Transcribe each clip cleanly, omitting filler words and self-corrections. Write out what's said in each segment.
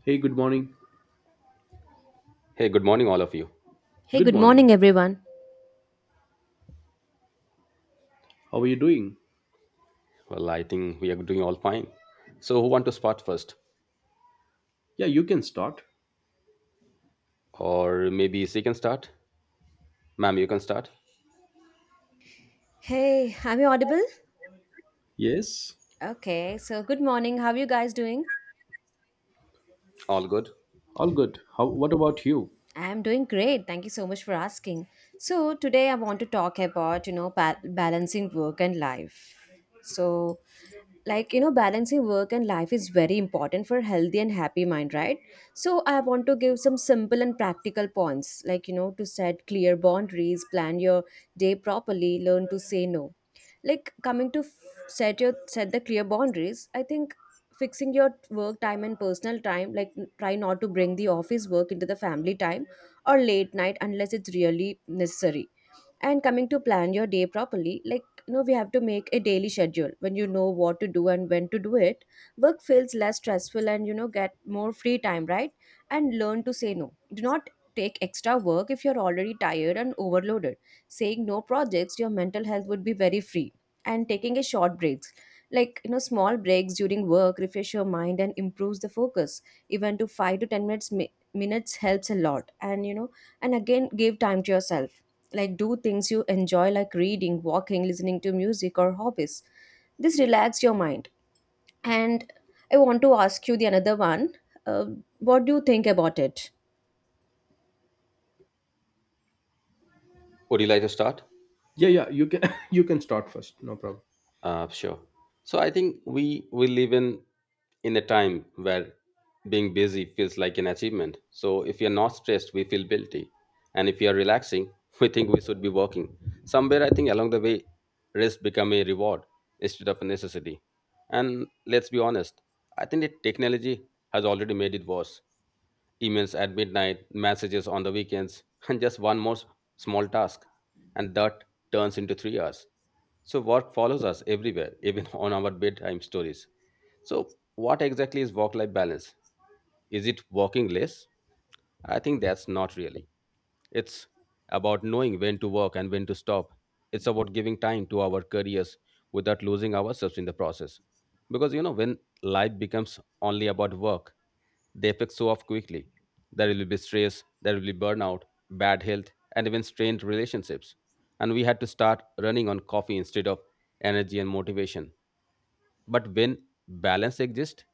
Hey, good morning. Hey, good morning, all of you. Hey, Good good morning. morning, everyone. How are you doing? Well, I think we are doing all fine. So, who want to start first, Yeah, you can start. or maybe she can start? Ma'am, you can start. Hey, am I audible? Yes, Okay, so good morning. How are you guys doing? All good. all good. How? What about you? I'm doing great. Thank you so much for asking. So today I want to talk about, you know, balancing work and life. So, like, you know, balancing work and life is very important for healthy and happy mind, right? So I want to give some simple and practical points, like, you know, to set clear boundaries, plan your day properly, learn to say no. Like, coming to set your set the clear boundaries, I think fixing your work time and personal time, like, try not to bring the office work into the family time or late night unless it's really necessary. And coming to plan your day properly, like, you know, we have to make a daily schedule. When you know what to do and when to do it, work feels less stressful, and you know, get more free time, right? And learn to say no. Do not take extra work if you're already tired and overloaded. Saying no projects your mental health would be very free. And taking a short breaks, like, you know, small breaks during work refresh your mind and improves the focus. Even to 5 to 10 minutes minutes helps a lot, and you know, and again, give time to yourself, like do things you enjoy, like reading, walking, listening to music, or hobbies. This relax your mind. And I want to ask you the another one. uh, what do you think about it? Would you like to start? Yeah, yeah, you can you can start first. No problem. Sure. So I think we live in a time where being busy feels like an achievement. So if you're not stressed, we feel guilty, and if you're relaxing, we think we should be working. Somewhere I think along the way, rest become a reward instead of a necessity. And let's be honest, I think that technology has already made it worse. Emails at midnight, messages on the weekends, and just small task. And that turns into 3 hours. So work follows us everywhere, even on our bedtime stories. So what exactly is work-life balance? Is it working less? I think that's not really. It's about knowing when to work and when to stop. It's about giving time to our careers without losing ourselves in the process. Because you know, when life becomes only about work, the effects show off quickly. There will be stress, there will be burnout, bad health, and even strained relationships, and we had to start running on coffee instead of energy and motivation. But when balance exists,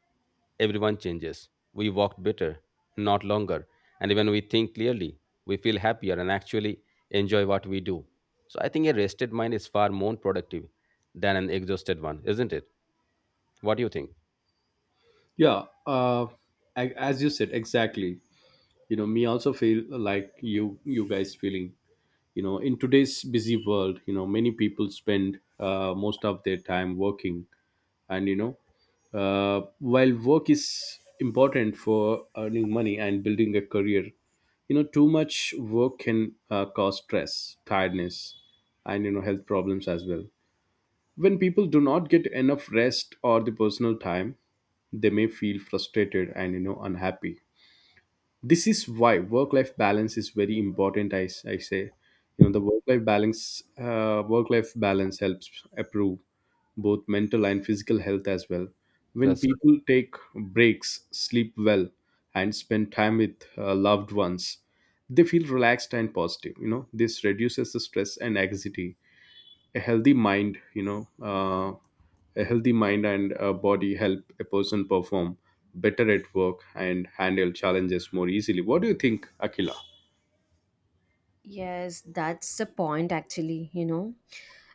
everyone changes. We walk better, not longer, and when we think clearly, we feel happier and actually enjoy what we do. So I think a rested mind is far more productive than an exhausted one, isn't it? What do you think? Yeah, as you said exactly. You know, me also feel like you guys feeling. You know, in today's busy world, you know, many people spend most of their time working, and you know, while work is important for earning money and building a career, you know, too much work can, cause stress, tiredness, and you know, health problems as well. When people do not get enough rest or the personal time, they may feel frustrated and you know, unhappy. This is why work life balance is very important, I say. You know, the work life balance helps improve both mental and physical health as well. When That's people take breaks, sleep well, and spend time with loved ones, they feel relaxed and positive. You know, this reduces the stress and anxiety. a healthy mind you know uh, a healthy mind and a body help a person perform better at work and handle challenges more easily. What do you think, Akila? Yes, that's the point actually, you know.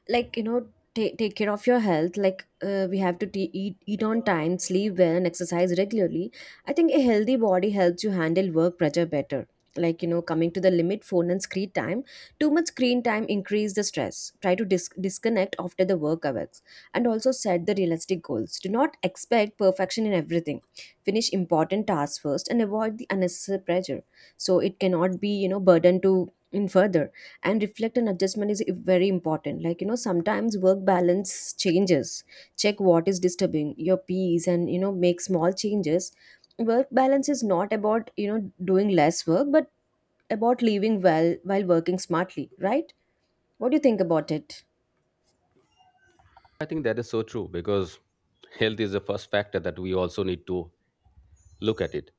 Like, you know, ta take care of your health. Like, we have to t eat on time, sleep well, and exercise regularly. I think a healthy body helps you handle work pressure better. Like, you know, coming to the limit phone and screen time. Too much screen time increase the stress. Try to disconnect after the work hours. And also set the realistic goals. Do not expect perfection in everything. Finish important tasks first and avoid the unnecessary pressure, so it cannot be, you know, burden to in further. And reflect and adjustment is very important, like, you know, sometimes work balance changes. Check what is disturbing your peace, and you know, make small changes. Work balance is not about, you know, doing less work, but about living well while working smartly, right? What do you think about it? I think that is so true, because health is the first factor that we also need to look at it,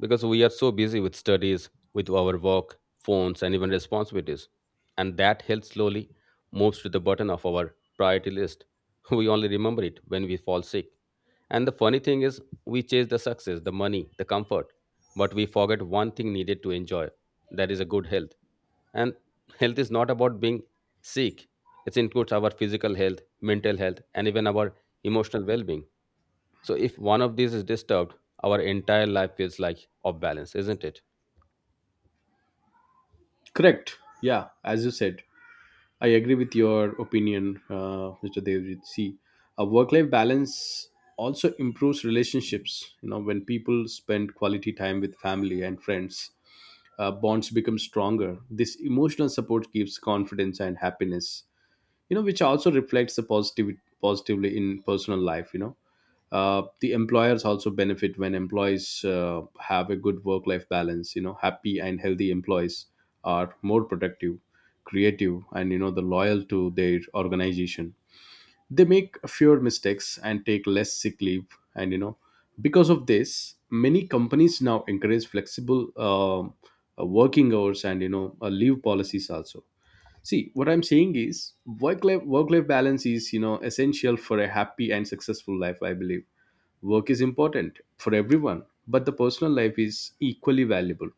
because we are so busy with studies, with our work, phones, and even responsibilities. And that health slowly moves to the bottom of our priority list. We only remember it when we fall sick. And the funny thing is, we chase the success, the money, the comfort, but we forget one thing needed to enjoy, that is a good health. And health is not about being sick, it includes our physical health, mental health, and even our emotional well being. So, if one of these is disturbed, our entire life feels like off balance, isn't it? Correct. Yeah, as you said, I agree with your opinion, Mr. Devjit. See, a work life balance also improves relationships. You know, when people spend quality time with family and friends, bonds become stronger. This emotional support gives confidence and happiness, you know, which also reflects the positive positively in personal life. You know, the employers also benefit when employees have a good work life balance. You know, happy and healthy employees are more productive, creative, and you know, the loyal to their organization. They make fewer mistakes and take less sick leave, and you know, because of this, many companies now encourage flexible working hours, and you know, leave policies also. See, what I'm saying is work life balance is, you know, essential for a happy and successful life, I believe. Work is important for everyone, but the personal life is equally valuable.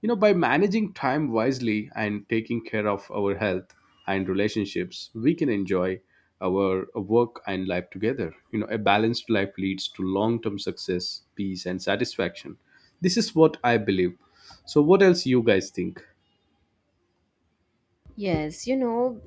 You know, by managing time wisely and taking care of our health and relationships, we can enjoy our work and life together. You know, a balanced life leads to long-term success, peace, and satisfaction. This is what I believe. So what else you guys think? Yes, you know,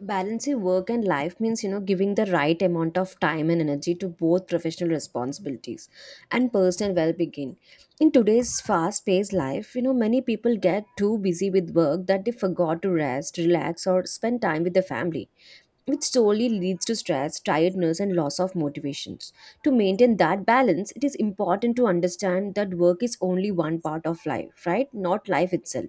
balancing work and life means, you know, giving the right amount of time and energy to both professional responsibilities and personal well-being. In today's fast-paced life, you know, many people get too busy with work that they forgot to rest, relax, or spend time with the family, which slowly leads to stress, tiredness, and loss of motivations. To maintain that balance, it is important to understand that work is only one part of life, right, not life itself.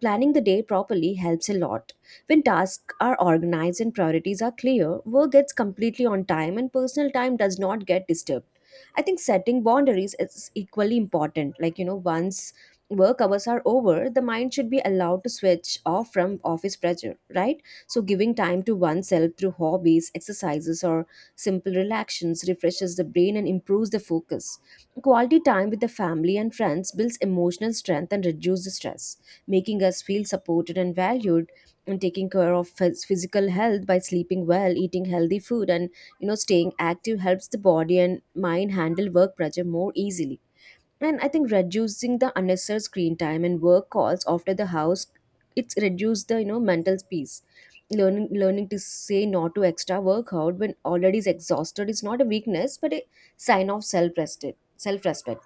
Planning the day properly helps a lot. When tasks are organized and priorities are clear, work gets completely on time and personal time does not get disturbed. I think setting boundaries is equally important. Like, you know, once work hours are over, the mind should be allowed to switch off from office pressure, right? So giving time to oneself through hobbies, exercises, or simple relaxations refreshes the brain and improves the focus. Quality time with the family and friends builds emotional strength and reduces the stress, making us feel supported and valued. And taking care of physical health by sleeping well, eating healthy food, and you know, staying active helps the body and mind handle work pressure more easily. And I think reducing the unnecessary screen time and work calls after the house, it's reduced the, you know, mental peace. Learning to say no to extra workout when already is exhausted is not a weakness but a sign of self-respect.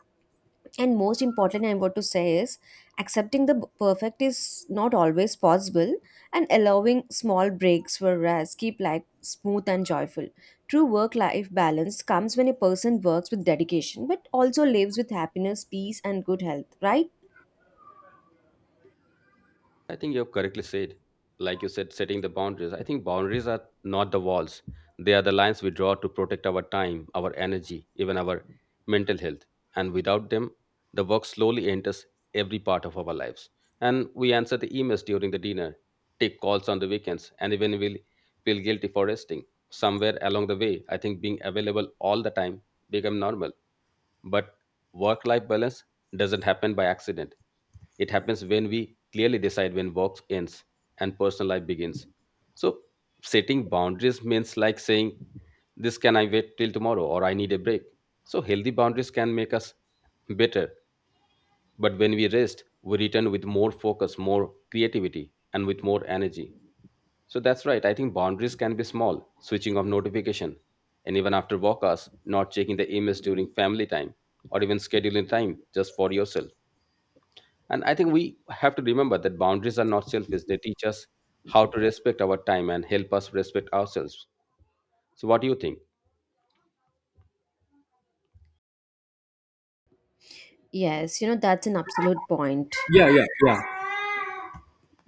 And most important, I want to say is accepting the perfect is not always possible, and allowing small breaks for rest keep life smooth and joyful. True work life balance comes when a person works with dedication but also lives with happiness, peace, and good health, right? I think you have correctly said. Like you said, setting the boundaries. I think boundaries are not the walls, they are the lines we draw to protect our time, our energy, even our mental health. And without them, the work slowly enters every part of our lives. And we answer the emails during the dinner, take calls on the weekends, and even we'll feel guilty for resting. Somewhere along the way, I think being available all the time become normal, but work life balance doesn't happen by accident. It happens when we clearly decide when work ends and personal life begins. So, setting boundaries means like saying, this can I wait till tomorrow, or I need a break. So, healthy boundaries can make us better. But when we rest, we return with more focus, more creativity, and with more energy. So that's right. I think boundaries can be small, switching off notification, and even after work hours, not checking the emails during family time, or even scheduling time just for yourself. And I think we have to remember that boundaries are not selfish. They teach us how to respect our time and help us respect ourselves. So what do you think? Yes, you know, that's an absolute point. Yeah, yeah, yeah.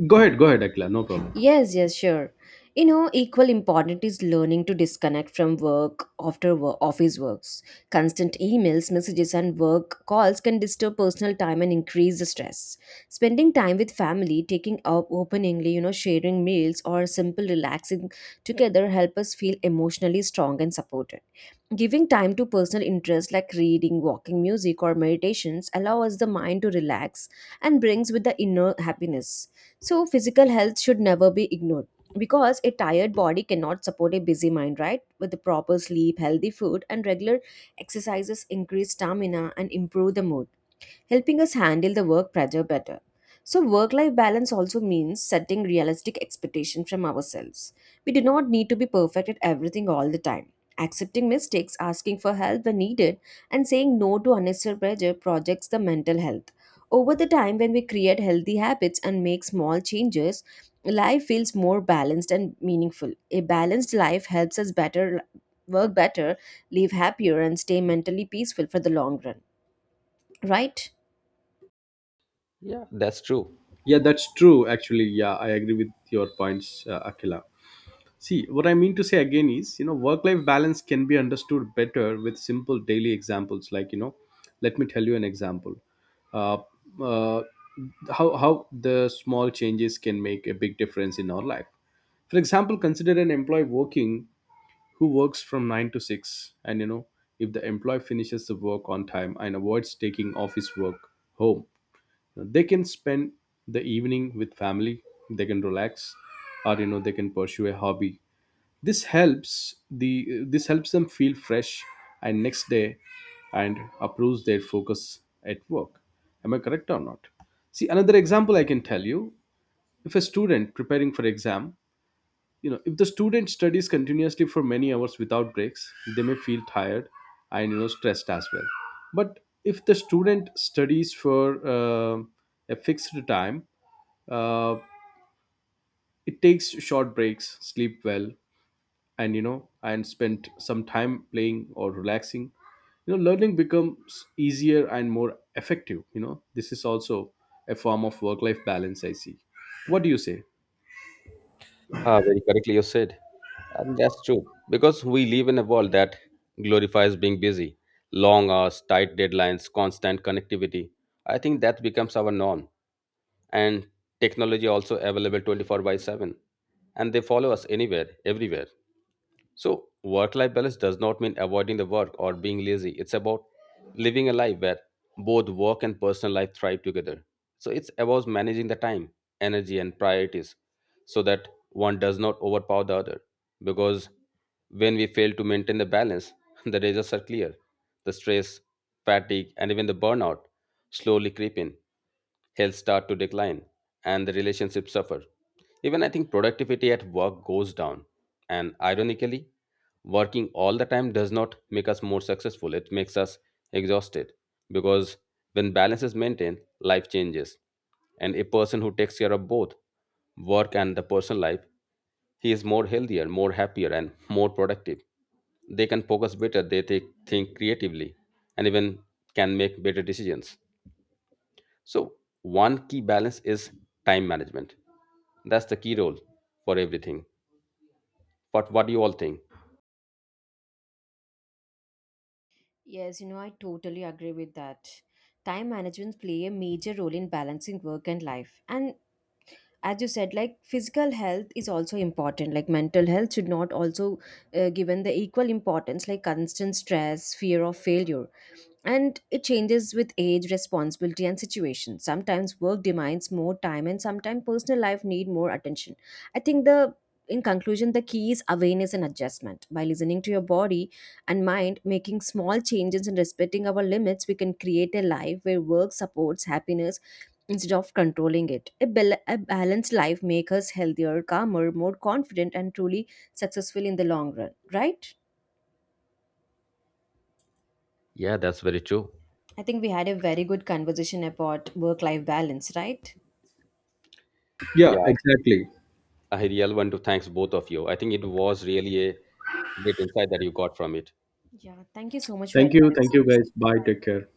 Go ahead, Akila. No problem. Yes, yes, sure. You know, equal important is learning to disconnect from work after work, office works. Constant emails, messages, and work calls can disturb personal time and increase the stress. Spending time with family, taking up openingly, you know, sharing meals or simple relaxing together help us feel emotionally strong and supported. Giving time to personal interests like reading, walking, music, or meditations allows the mind to relax and brings with the inner happiness. So physical health should never be ignored, because a tired body cannot support a busy mind, right? With the proper sleep, healthy food, and regular exercises, increase stamina and improve the mood, helping us handle the work pressure better. So work life balance also means setting realistic expectations from ourselves. We do not need to be perfect at everything all the time. Accepting mistakes, asking for help when needed, and saying no to unnecessary pressure projects the mental health. Over the time, when we create healthy habits and make small changes, life feels more balanced and meaningful. A balanced life helps us better work better, live happier, and stay mentally peaceful for the long run, right? Yeah, that's true. Yeah, that's true. Actually, yeah, I agree with your points, Akila. See, what I mean to say again is, you know, work-life balance can be understood better with simple daily examples. Like, you know, let me tell you an example. Uh, uh, how the small changes can make a big difference in our life. For example, consider an employee working who works from nine to six, and you know, if the employee finishes the work on time and avoids taking office work home, they can spend the evening with family. They can relax, or you know, they can pursue a hobby. This helps them feel fresh and next day, and improves their focus at work. Am I correct or not? See, another example I can tell you. If a student preparing for exam, you know, if the student studies continuously for many hours without breaks, they may feel tired and you know, stressed as well. But if the student studies for uh, a fixed time, uh, it takes short breaks, sleep well, and you know, and spend some time playing or relaxing, you know, learning becomes easier and more effective. You know, this is also a form of work life balance, I see. What do you say? Ah, very correctly you said. And that's true. Because we live in a world that glorifies being busy, long hours, tight deadlines, constant connectivity. I think that becomes our norm. And technology also available 24 by 7, and they follow us anywhere everywhere. So work life balance does not mean avoiding the work or being lazy, it's about living a life where both work and personal life thrive together. So it's about managing the time, energy and priorities, so that one does not overpower the other. Because when we fail to maintain the balance, the dangers are clear. The stress, fatigue, and even the burnout slowly creep in. Health start to decline, and the relationships suffer. Even I think productivity at work goes down. And ironically, working all the time does not make us more successful, it makes us exhausted. Because when balance is maintained, life changes, and a person who takes care of both work and the personal life, he is more healthier, more happier and more productive. They can focus better, they think creatively, and even can make better decisions. So one key balance is time management, that's the key role for everything. But what do you all think? Yes, you know, I totally agree with that. Time management play a major role in balancing work and life. And as you said, like physical health is also important. Like mental health should not also given the equal importance, like constant stress, fear of failure, and it changes with age, responsibility, and situation. Sometimes work demands more time and sometimes personal life need more attention. I think the in conclusion, the key is awareness and adjustment. By listening to your body and mind, making small changes and respecting our limits, we can create a life where work supports happiness instead of controlling it. A balanced life makes us healthier, calmer, more confident, and truly successful in the long run, right? Yeah, that's very true. I think we had a very good conversation about work life balance, right? Yeah, Yeah. exactly. I really want to thanks both of you. I think it was really a great insight that you got from it. Yeah, thank you so much for your Thank you, time. thank you guys. Bye Bye, bye. take care.